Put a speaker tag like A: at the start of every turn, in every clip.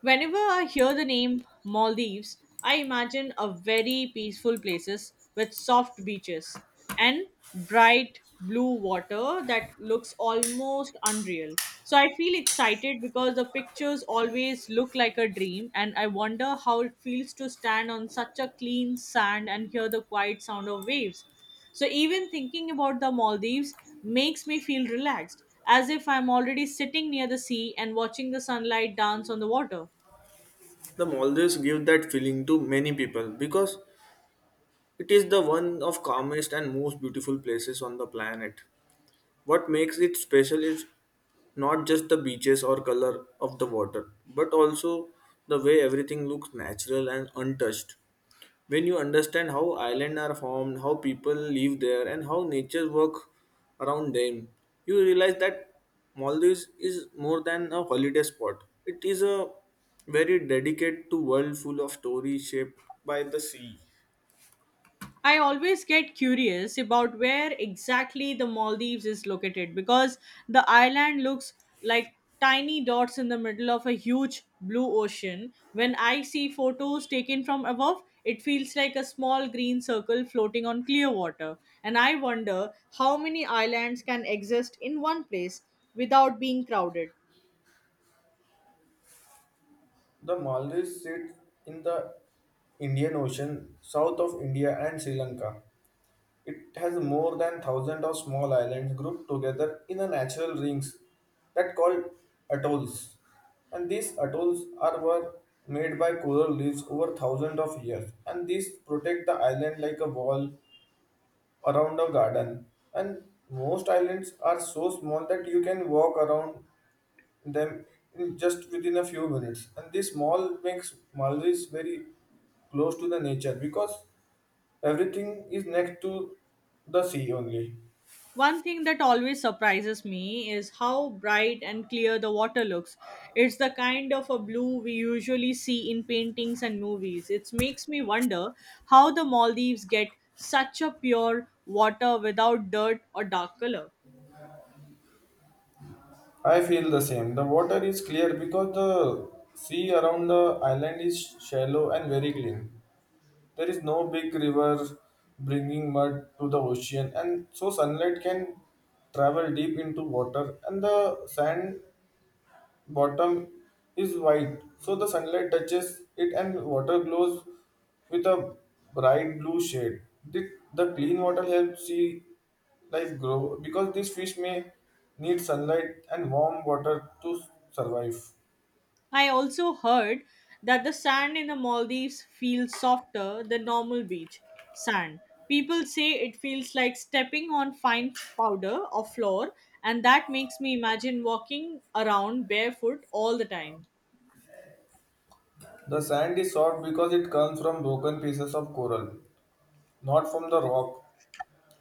A: Whenever I hear the name Maldives, I imagine a very peaceful places with soft beaches and bright blue water that looks almost unreal. So I feel excited because the pictures always look like a dream and I wonder how it feels to stand on such a clean sand and hear the quiet sound of waves. So even thinking about the Maldives makes me feel relaxed, as if I'm already sitting near the sea and watching the sunlight dance on the water.
B: The Maldives give that feeling to many people because it is the one of calmest and most beautiful places on the planet. What makes it special is not just the beaches or color of the water, but also the way everything looks natural and untouched. When you understand how islands are formed, how people live there, and how nature works around them, you realize that Maldives is more than a holiday spot. It is a very dedicated to world full of stories shaped by the sea.
A: I always get curious about where exactly the Maldives is located because the island looks like tiny dots in the middle of a huge blue ocean. When I see photos taken from above, it feels like a small green circle floating on clear water. And I wonder how many islands can exist in one place without being crowded.
B: The Maldives sit in the Indian Ocean, south of India and Sri Lanka. It has more than thousand of small islands grouped together in a natural rings that called atolls. And these atolls are were made by coral reefs over thousands of years. And these protect the island like a wall around a garden. And most islands are so small that you can walk around them in just within a few minutes. And this mall makes Maldives very close to the nature because everything is next to the sea only.
A: One thing that always surprises me is how bright and clear the water looks. It's the kind of a blue we usually see in paintings and movies. It makes me wonder how the Maldives get such a pure water without dirt or dark color.
B: I feel the same. The water is clear because the sea around the island is shallow and very clean. There is no big river bringing mud to the ocean, and so sunlight can travel deep into water, and the sand bottom is white, so the sunlight touches it and water glows with a bright blue shade. The clean water helps sea life grow because these fish may need sunlight and warm water to survive.
A: I also heard that the sand in the Maldives feels softer than normal beach sand. People say it feels like stepping on fine powder or floor, and that makes me imagine walking around barefoot all the time.
B: The sand is soft because it comes from broken pieces of coral, not from the rock.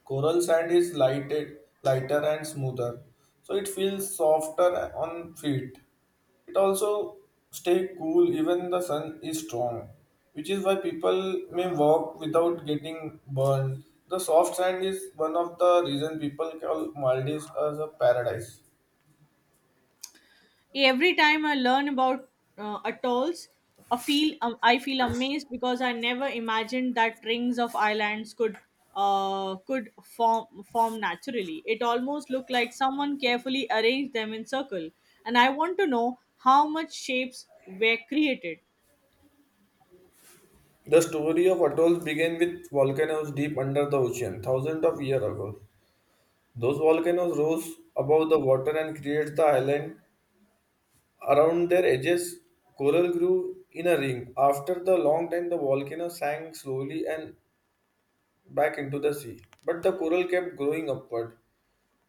B: Coral sand is lighted, lighter and smoother, so it feels softer on feet. It also stay cool even the sun is strong, which is why people may walk without getting burned. The soft sand is one of the reason people call Maldives as a paradise.
A: Every time I learn about atolls, I feel amazed because I never imagined that rings of islands could form naturally. It almost looked like someone carefully arranged them in circle, and I want to know how much shapes were created.
B: The story of atolls began with volcanoes deep under the ocean thousands of years ago. Those volcanoes rose above the water and created the island. Around their edges, coral grew in a ring. After the long time, the volcano sank slowly and back into the sea. But the coral kept growing upward,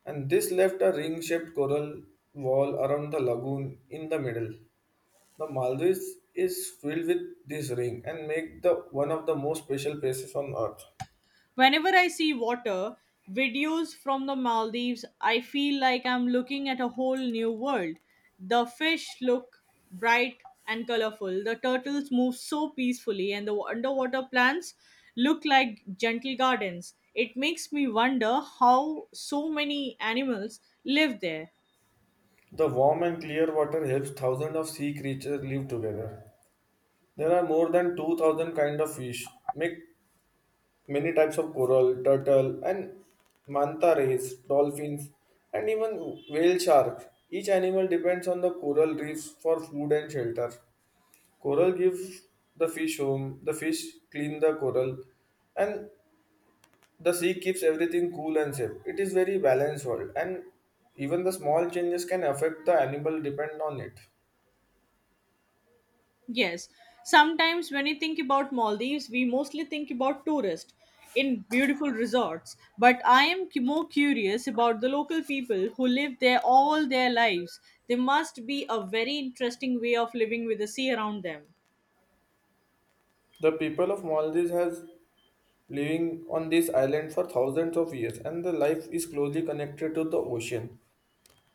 B: and this left a ring shaped coral wall around the lagoon in the middle. The Maldives is filled with this ring and make the one of the most special places on earth.
A: Whenever I see water videos from the Maldives, I feel like I'm looking at a whole new world. The fish look bright and colorful, the turtles move so peacefully, and the underwater plants look like gentle gardens. It makes me wonder how so many animals live there.
B: The warm and clear water helps thousands of sea creatures live together. There are more than 2000 kind of fish, make many types of coral, turtle, and manta rays, dolphins, and even whale sharks. Each animal depends on the coral reefs for food and shelter. Coral gives the fish home, the fish clean the coral, and the sea keeps everything cool and safe. It is very balanced world, and even the small changes can affect the animal depend on it.
A: Yes, sometimes when you think about Maldives, we mostly think about tourists in beautiful resorts. But I am more curious about the local people who live there all their lives. There must be a very interesting way of living with the sea around them.
B: The people of Maldives has living on this island for thousands of years, and the life is closely connected to the ocean.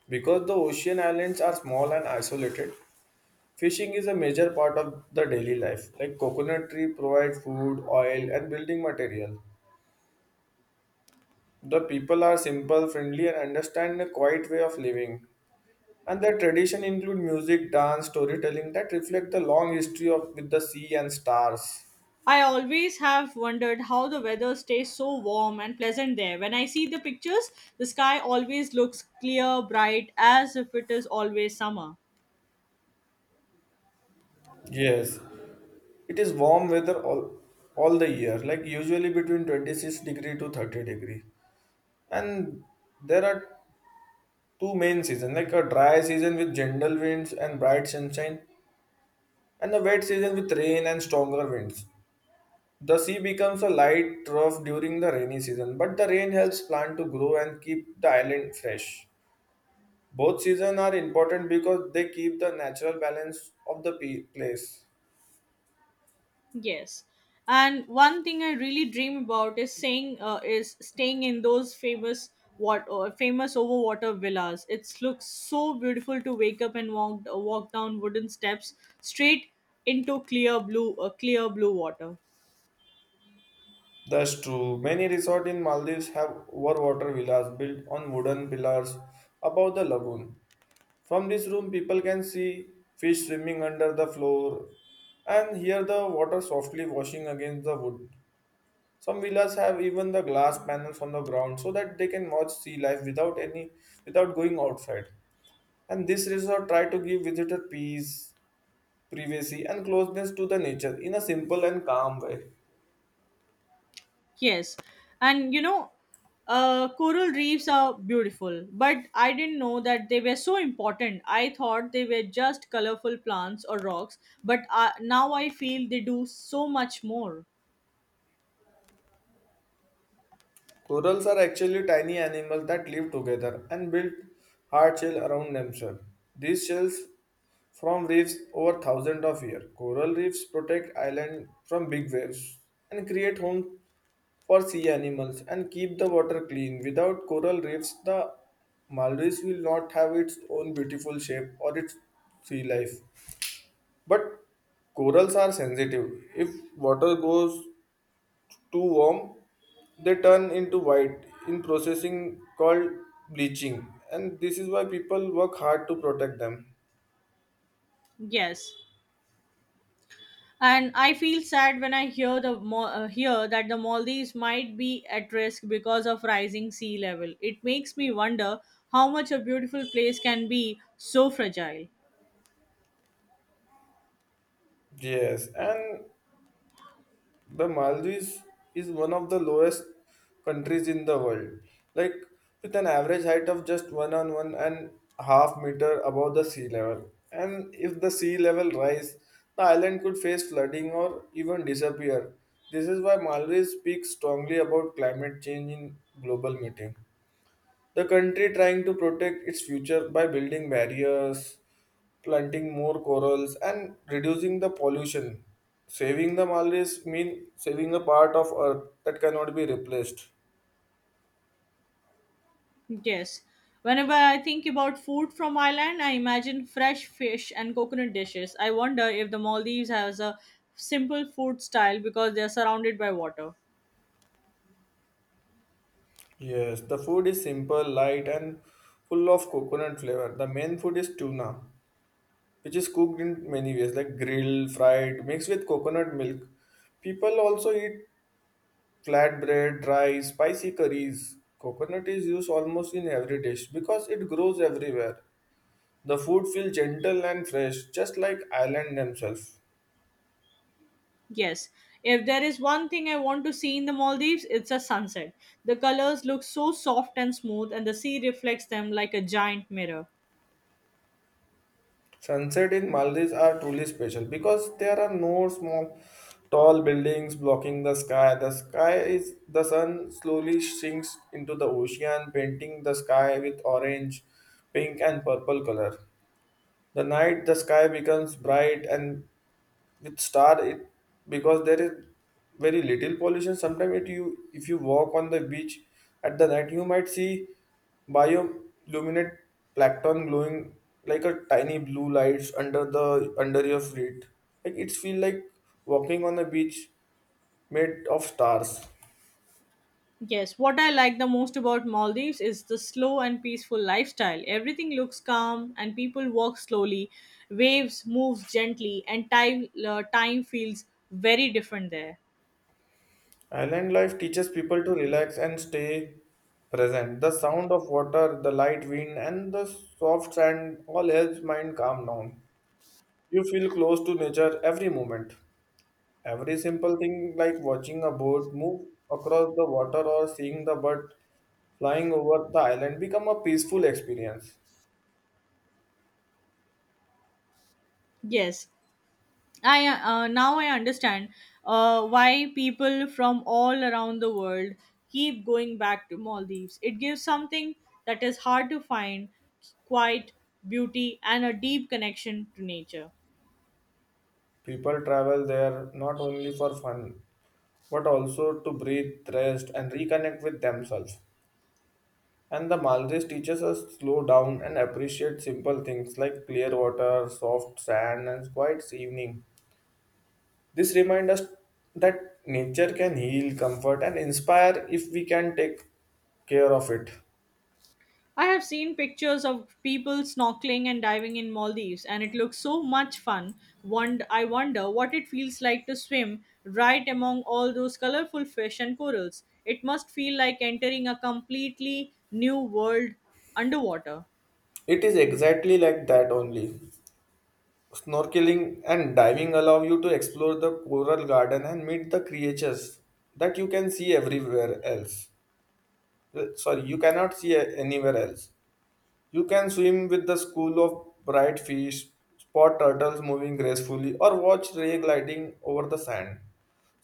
B: Because the ocean islands are small and isolated, fishing is a major part of the daily life. Like coconut tree provide food, oil and building material. The people are simple, friendly and understand a quiet way of living. And their tradition include music, dance, storytelling that reflect the long history of with the sea and stars.
A: I always have wondered how the weather stays so warm and pleasant there. When I see the pictures, the sky always looks clear, bright, as if it is always summer.
B: Yes, it is warm weather all the year, like usually between 26 degree to 30 degree. And there are two main seasons, like a dry season with gentle winds and bright sunshine and a wet season with rain and stronger winds. The sea becomes a light trough during the rainy season, but the rain helps plant to grow and keep the island fresh. Both seasons are important because they keep the natural balance of the place.
A: Yes. And one thing I really dream about is saying is staying in those famous what or famous overwater villas. It looks so beautiful to wake up and walk walk down wooden steps straight into clear blue water.
B: That's true, many resorts in Maldives have overwater villas built on wooden pillars above the lagoon. From this room, people can see fish swimming under the floor and hear the water softly washing against the wood. Some villas have even the glass panels on the ground so that they can watch sea life without any without going outside. And this resort try to give visitor peace, privacy and closeness to the nature in a simple and calm way.
A: Yes. And you know coral reefs are beautiful, but I didn't know that they were so important. I thought they were just colorful plants or rocks, but now I feel they do so much more.
B: Corals are actually tiny animals that live together and build hard shell around themselves. These shells from reefs over thousands of years. Coral reefs protect islands from big waves and create homes for sea animals and keep the water clean. Without coral reefs, the Maldives will not have its own beautiful shape or its sea life. But corals are sensitive. If water goes too warm, they turn into white in processing called bleaching. And this is why people work hard to protect them.
A: Yes, and I feel sad when I hear the hear that the Maldives might be at risk because of rising sea level. It makes me wonder how much a beautiful place can be so fragile.
B: Yes, and the Maldives is one of the lowest countries in the world. Like with an average height of just one on one and half meter above the sea level. And if the sea level rise, the island could face flooding or even disappear. This is why Maldives speaks strongly about climate change in global meeting. The country trying to protect its future by building barriers, planting more corals, and reducing the pollution. Saving the Maldives means saving a part of Earth that cannot be replaced.
A: Yes. Whenever I think about food from Ireland, I imagine fresh fish and coconut dishes. I wonder if the Maldives has a simple food style because they are surrounded by water.
B: Yes, the food is simple, light, and full of coconut flavor. The main food is tuna, which is cooked in many ways, like grilled, fried, mixed with coconut milk. People also eat flatbread, dry, spicy curries. Coconut is used almost in every dish because it grows everywhere. The food feels gentle and fresh, just like island themselves.
A: Yes. If there is one thing I want to see in the Maldives, it's a sunset. The colors look so soft and smooth, and the sea reflects them like a giant mirror.
B: Sunset in Maldives are truly special because there are no small tall buildings blocking the sky. The sky is the sun slowly sinks into the ocean, painting the sky with orange, pink and purple color. The night the sky becomes bright and with star it because there is very little pollution. Sometimes it you if you walk on the beach at the night you might see bioluminate plankton glowing like a tiny blue lights under the under your feet. Like it's feel like walking on a beach made of stars.
A: Yes, what I like the most about Maldives is the slow and peaceful lifestyle. Everything looks calm and people walk slowly, waves moves gently and time time feels very different there.
B: Island life teaches people to relax and stay present. The sound of water, the light wind, and the soft sand all helps mind calm down. You feel close to nature every moment. Every simple thing like watching a boat move across the water or seeing the bird flying over the island become a peaceful experience.
A: Yes, I now I understand why people from all around the world keep going back to Maldives. It gives something that is hard to find, quiet beauty and a deep connection to nature.
B: People travel there not only for fun but also to breathe, rest, and reconnect with themselves. And the Maldives teaches us to slow down and appreciate simple things like clear water, soft sand, and quiet evening. This reminds us that nature can heal, comfort, and inspire if we can take care of it.
A: I have seen pictures of people snorkeling and diving in Maldives and it looks so much fun. I wonder what it feels like to swim right among all those colorful fish and corals. It must feel like entering a completely new world underwater.
B: It is exactly like that only. Snorkeling and diving allow you to explore the coral garden and meet the creatures that you can see everywhere else. Well, sorry, you cannot see anywhere else. You can swim with the school of bright fish, spot turtles moving gracefully, or watch ray gliding over the sand.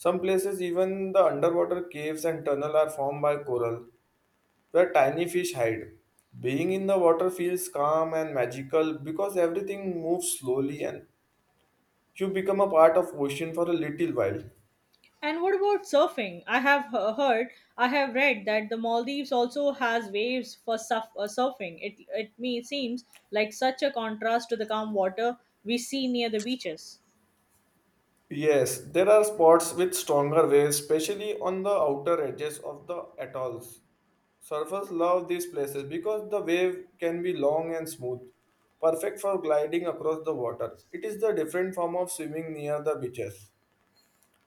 B: Some places, even the underwater caves and tunnels are formed by coral, where tiny fish hide. Being in the water feels calm and magical because everything moves slowly and you become a part of ocean for a little while.
A: And what about surfing? I have read that the Maldives also has waves for surfing. It me seems like such a contrast to the calm water we see near the beaches.
B: Yes, there are spots with stronger waves, especially on the outer edges of the atolls. Surfers love these places because the wave can be long and smooth, perfect for gliding across the water. It is the different form of swimming near the beaches.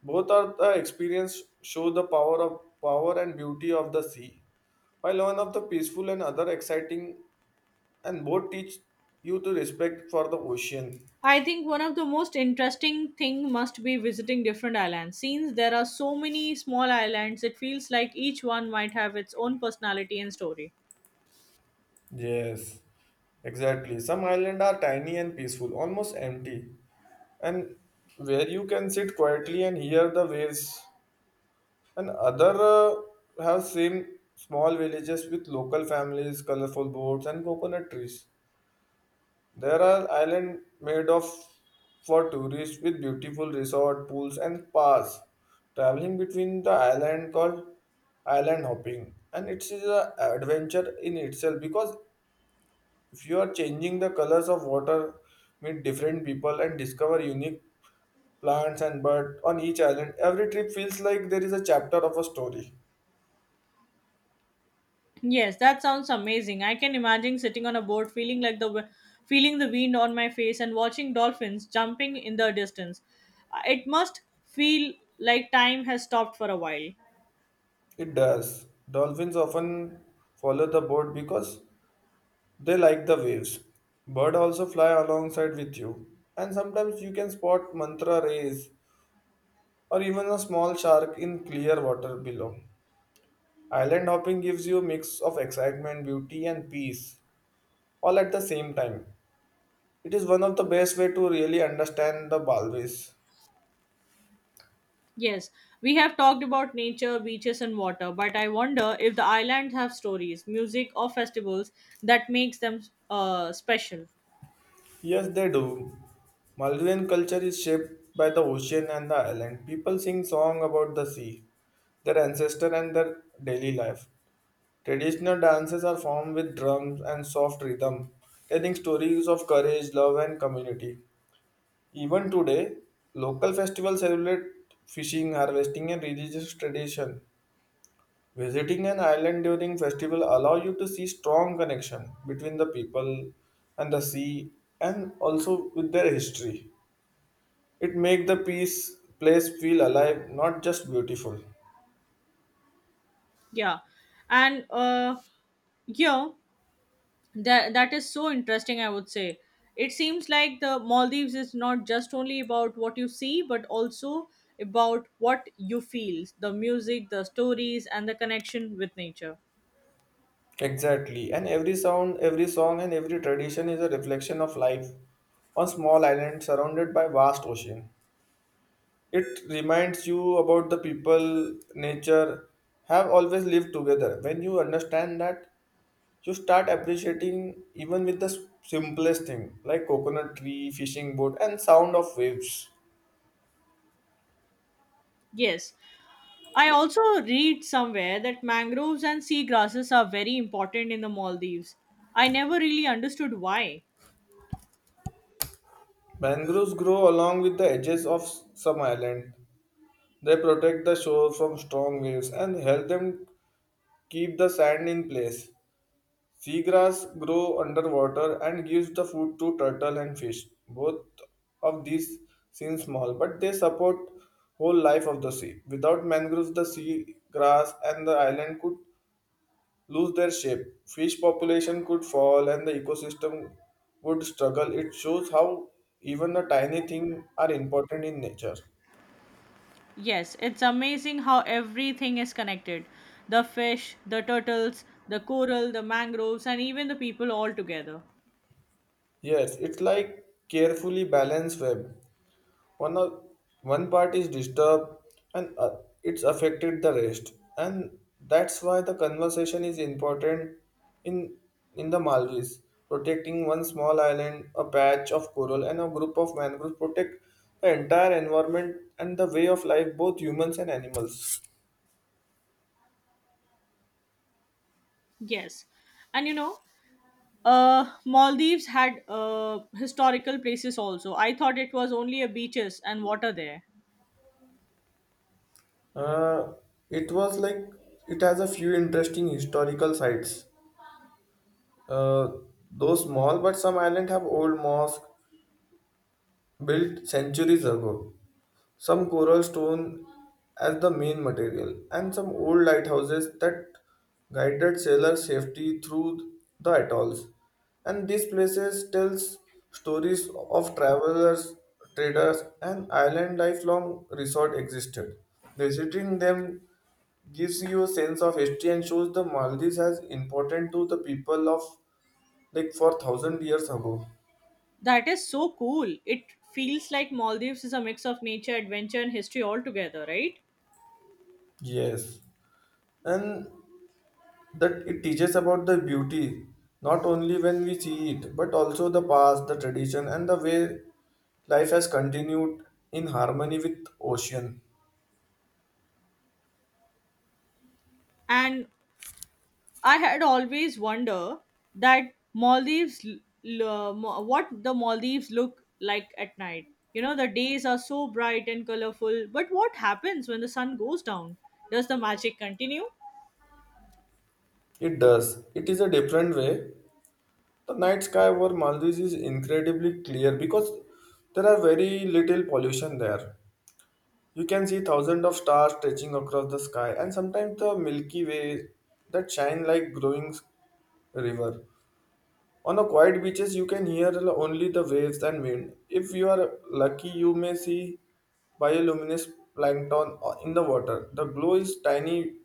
B: Both are the experience show the power of power and beauty of the sea, while one of the peaceful and other exciting and both teach you to respect for the ocean.
A: I think one of the most interesting thing must be visiting different islands. Since there are so many small islands, it feels like each one might have its own personality and story.
B: Yes, exactly. Some islands are tiny and peaceful, almost empty, and where you can sit quietly and hear the waves. And other have same small villages with local families, colorful boats, and coconut trees. There are island made of for tourists with beautiful resort pools and spas. Traveling between the island called island hopping, and it is a adventure in itself because if you are changing the colors of water, meet different people and discover unique plants and birds on each island, every trip feels like there is a chapter of a story.
A: Yes, that sounds amazing. I can imagine sitting on a boat, feeling like feeling the wind on my face, and watching dolphins jumping in the distance. It must feel like time has stopped for a while.
B: It does. Dolphins often follow the boat because they like the waves. Bird also fly alongside with you, and sometimes you can spot mantra rays or even a small shark in clear water below. Island hopping gives you a mix of excitement, beauty, and peace all at the same time. It is one of the best way to really understand the Balwis.
A: Yes, we have talked about nature, beaches, and water, but I wonder if the islands have stories, music, or festivals that makes them special.
B: Yes, they do. Maldivian culture is shaped by the ocean and the island. People sing songs about the sea, their ancestors, and their daily life. Traditional dances are formed with drums and soft rhythm, telling stories of courage, love, and community. Even today, local festivals celebrate fishing, harvesting, and religious tradition. Visiting an island during festival allow you to see strong connection between the people and the sea and also with their history. It make the peace place feel alive, not just beautiful.
A: Yeah, and yeah. That is so interesting. I would say it seems like the Maldives is not just only about what you see but also about what you feel, the music, the stories, and the connection with nature.
B: Exactly. And every sound, every song and every tradition is a reflection of life on small island surrounded by vast ocean. It reminds you about the people, nature have always lived together. When you understand that you start appreciating even with the simplest thing like coconut tree fishing boat and sound of waves.
A: Yes, I also read somewhere that mangroves and seagrasses are very important in the Maldives. I never really understood why.
B: Mangroves grow along with the edges of some island. They protect the shore from strong waves and help them keep the sand in place. Seagrass grow underwater and gives the food to turtle and fish. Both of these seem small but they support whole life of the sea. Without mangroves the sea grass and the island could lose their shape. Fish population could fall and the ecosystem would struggle. It shows how even the tiny things are important in nature.
A: Yes, it's amazing how everything is connected. The fish, the turtles, the coral, the mangroves, and even the people all together.
B: Yes, it's like carefully balanced web. one of One part is disturbed and it's affected the rest, and that's why the conversation is important in in the Maldives. Protecting one small island, a patch of coral and a group of mangroves protect the entire environment and the way of life, both humans and animals.
A: Yes. And you know, Maldives had historical places also. I thought it was only a beaches and water there.
B: Uh, it was like it has a few interesting historical sites, uh, though small. But some islands have old mosques built centuries ago, some coral stone as the main material, and some old lighthouses that guided sailor safety through the atolls. And these places tells stories of travelers, traders, and island lifelong resort existed. Visiting them gives you a sense of history and shows the Maldives as important to the people of like for thousand years ago.
A: That is so cool. It feels like Maldives is a mix of nature, adventure, and history altogether, right?
B: Yes, and that it teaches about the beauty not only when we see it but also the past, the tradition and the way life has continued in harmony with ocean.
A: And I had always wonder that Maldives, what the Maldives look like at night. You know, the days are so bright and colorful, but what happens when the sun goes down? Does the magic continue?
B: It does. It is a different way. The night sky over Maldives is incredibly clear because there are very little pollution there. You can see thousands of stars stretching across the sky, and sometimes the Milky Way that shine like growing river. On the quiet beaches, you can hear only the waves and wind. If you are lucky, you may see bioluminescent plankton in the water. The glow is tiny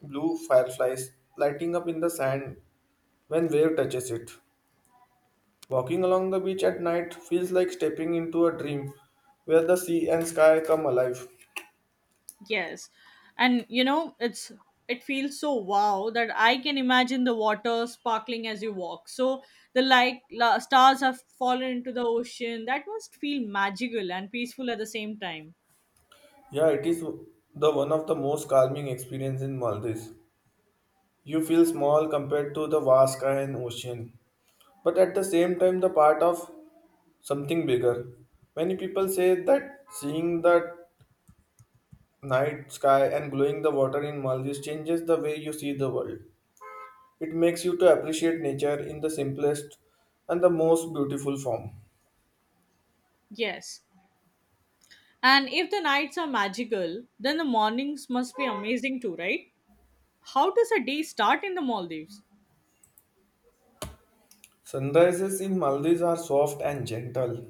B: blue fireflies lighting up in the sand when wave touches it. Walking along the beach at night feels like stepping into a dream where the sea and sky come alive.
A: Yes. And you know, it feels so wow that I can imagine the water sparkling as you walk. So the stars have fallen into the ocean. That must feel magical and peaceful at the same time.
B: Yeah, it is the one of the most calming experience in Maldives. You feel small compared to the vast sky and ocean, but at the same time the part of something bigger. Many people say that seeing the night sky and glowing the water in Maldives changes the way you see the world. It makes you to appreciate nature in the simplest and the most beautiful form.
A: Yes. And if the nights are magical, then the mornings must be amazing too, right? How does a day start in the Maldives?
B: Sunrises in Maldives are soft and gentle.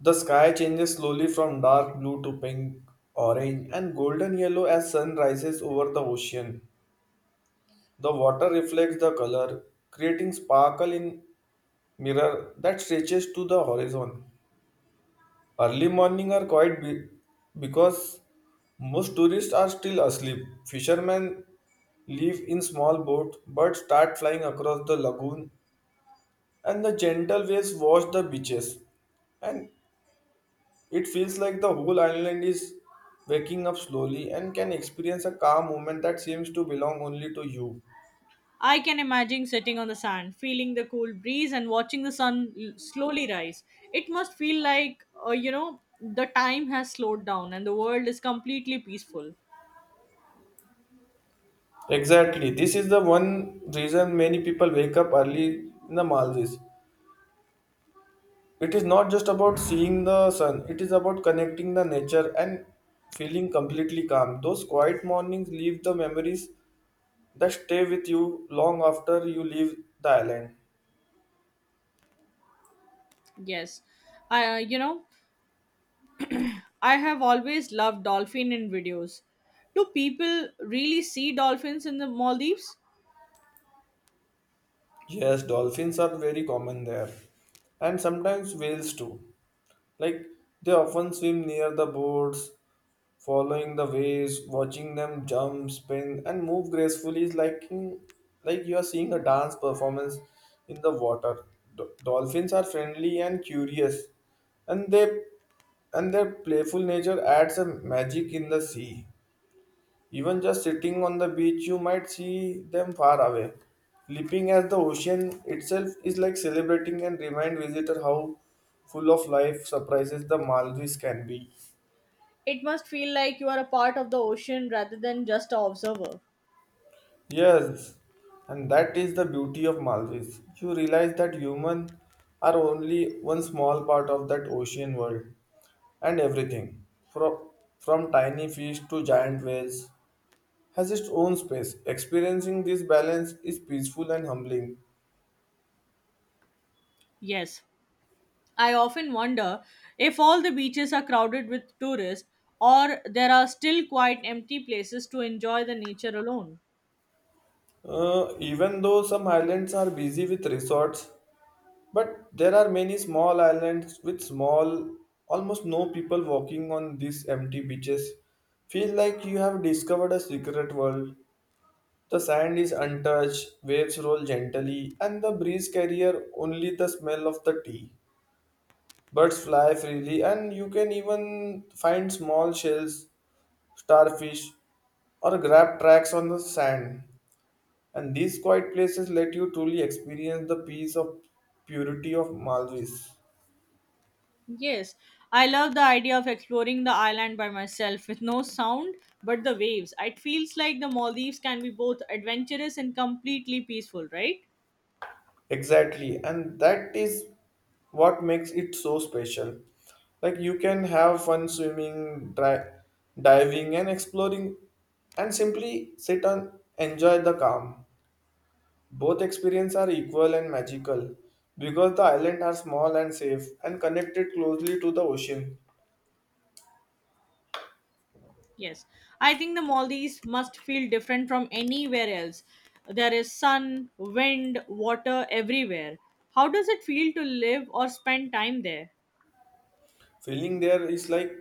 B: The sky changes slowly from dark blue to pink, orange, and golden yellow as sun rises over the ocean. The water reflects the color, creating sparkle in mirror that stretches to the horizon. Early morning are quite because most tourists are still asleep. Fishermen live in small boats but start flying across the lagoon and the gentle waves wash the beaches, and it feels like the whole island is waking up slowly and can experience a calm moment that seems to belong only to you.
A: I can imagine sitting on the sand, feeling the cool breeze, and watching the sun slowly rise. It must feel like, you know, the time has slowed down and the world is completely peaceful.
B: Exactly. This is the one reason many people wake up early in the Maldives. It is not just about seeing the sun, it is about connecting the nature and feeling completely calm. Those quiet mornings leave the memories that stay with you long after you leave the island.
A: Yes, you know, I have always loved dolphin in videos. Do people really see dolphins in the Maldives?
B: Yes, dolphins are very common there, and sometimes whales too. Like they often swim near the boards, following the waves, watching them jump, spin, and move gracefully is like you are seeing a dance performance in the water. Dolphins are friendly and curious, and they and their playful nature adds a magic in the sea. Even just sitting on the beach, you might see them far away. Leaping as the ocean itself is like celebrating and remind visitor how full of life surprises the Maldives can be.
A: It must feel like you are a part of the ocean rather than just an observer.
B: Yes, and that is the beauty of Maldives. You realize that humans are only one small part of that ocean world, and everything, from, from tiny fish to giant whales, has its own space. Experiencing this balance is peaceful and humbling.
A: Yes, I often wonder if all the beaches are crowded with tourists or there are still quite empty places to enjoy the nature alone.
B: Even though some islands are busy with resorts, but there are many small islands with small, almost no people walking on these empty beaches. Feel like you have discovered a secret world. The sand is untouched, waves roll gently, and the breeze carrier only the smell of the tea. Birds fly freely, and you can even find small shells, starfish, or grab tracks on the sand. And these quiet places let you truly experience the peace of purity of Maldives.
A: Yes, I love the idea of exploring the island by myself with no sound but the waves. It feels like the Maldives can be both adventurous and completely peaceful, right?
B: Exactly, and that is what makes it so special. Like you can have fun swimming, diving, and exploring, and simply sit and enjoy the calm. Both experiences are equal and magical because the islands are small and safe and connected closely to the ocean.
A: Yes, I think the Maldives must feel different from anywhere else. There is sun, wind, water everywhere. How does it feel to live or spend time there?
B: Feeling there is like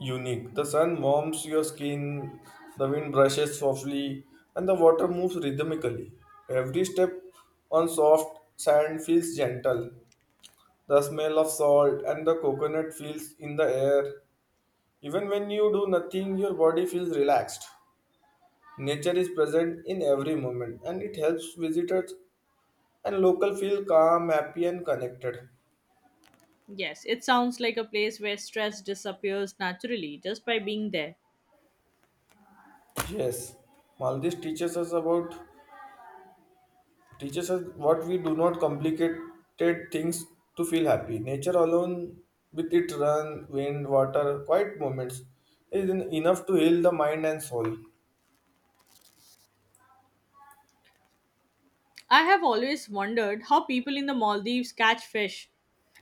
B: unique. The sun warms your skin, the wind brushes softly, and the water moves rhythmically. Every step on soft sand feels gentle. The smell of salt and the coconut feels in the air. Even when you do nothing, your body feels relaxed. Nature is present in every moment and it helps visitors and local feel calm, happy and connected.
A: Yes, it sounds like a place where stress disappears naturally just by being there.
B: Yes, Maldives teaches us what we do not complicated things to feel happy nature alone with its run wind water quiet moments is enough to heal the mind and soul.
A: I have always wondered how people in the Maldives catch fish.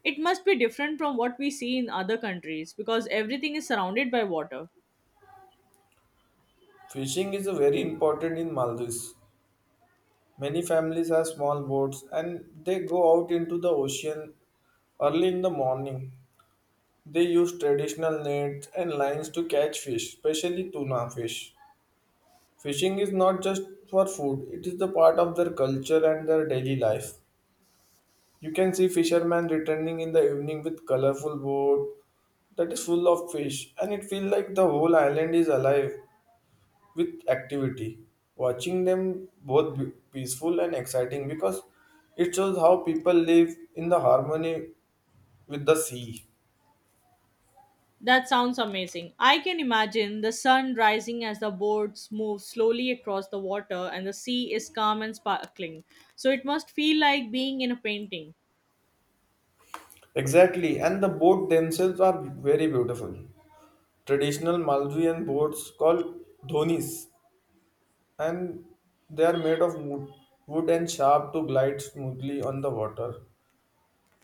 A: It must be different from what we see in other countries because everything is surrounded by water.
B: Fishing is very important in Maldives. Many families have small boats and they go out into the ocean early in the morning. They use traditional nets and lines to catch fish, especially tuna fish. Fishing is not just for food, it is the part of their culture and their daily life. You can see fishermen returning in the evening with colorful boat that is full of fish, and it feels like the whole island is alive with activity. Watching them both peaceful and exciting because it shows how people live in the harmony with the sea.
A: That sounds amazing. I can imagine the sun rising as the boats move slowly across the water and the sea is calm and sparkling. So it must feel like being in a painting.
B: Exactly, and the boat themselves are very beautiful. Traditional Maldivian boats called dhonis, and they are made of wood, and sharp to glide smoothly on the water.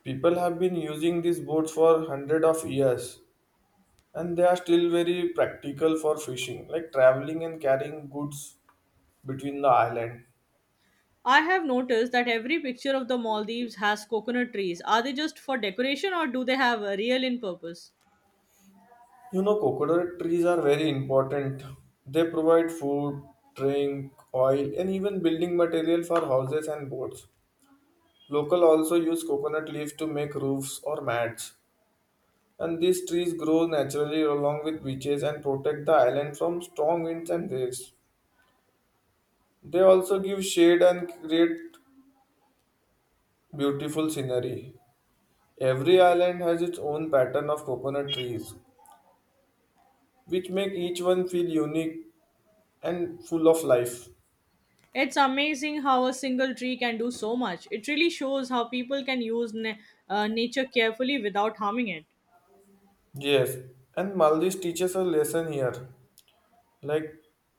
B: People have been using these boats for hundred of years and they are still very practical for fishing, like traveling and carrying goods between the island.
A: I have noticed that every picture of the Maldives has coconut trees. Are they just for decoration or do they have a real in purpose?
B: You know, coconut trees are very important. They provide food, drink, oil and even building material for houses and boats. Local also use coconut leaves to make roofs or mats, and these trees grow naturally along with beaches and protect the island from strong winds and waves. They also give shade and create beautiful scenery. Every island has its own pattern of coconut trees, which make each one feel unique and full of life.
A: It's amazing how a single tree can do so much. It really shows how people can use nature carefully without harming it.
B: Yes, and Maldives teaches a lesson here. Like,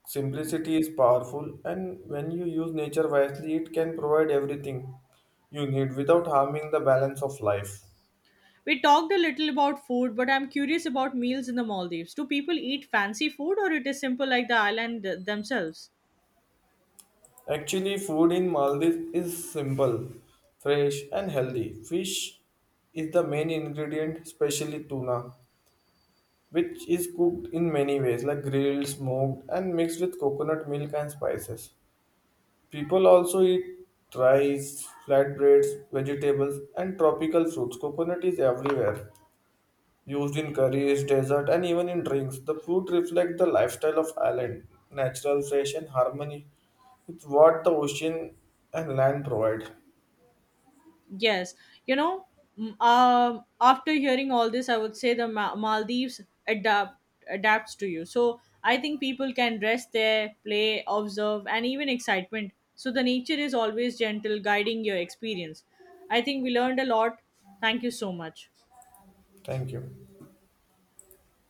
B: simplicity is powerful, and when you use nature wisely, it can provide everything you need without harming the balance of life.
A: We talked a little about food, but I'm curious about meals in the Maldives. Do people eat fancy food or it is simple like the island themselves?
B: Actually, food in Maldives is simple, fresh, and healthy. Fish is the main ingredient, especially tuna which is cooked in many ways, like grilled, smoked, and mixed with coconut milk and spices. People also eat rice, flatbreads, vegetables, and tropical fruits. Coconut is everywhere, used in curries, dessert, and even in drinks. The fruit reflects the lifestyle of island, natural, fresh, and harmony. It's what the ocean and land provide.
A: Yes, you know, after hearing all this, I would say the Maldives adapt adapts to you. So I think people can rest there, play, observe, and even excitement. So the nature is always gentle, guiding your experience. I think we learned a lot. Thank you so much.
B: Thank you.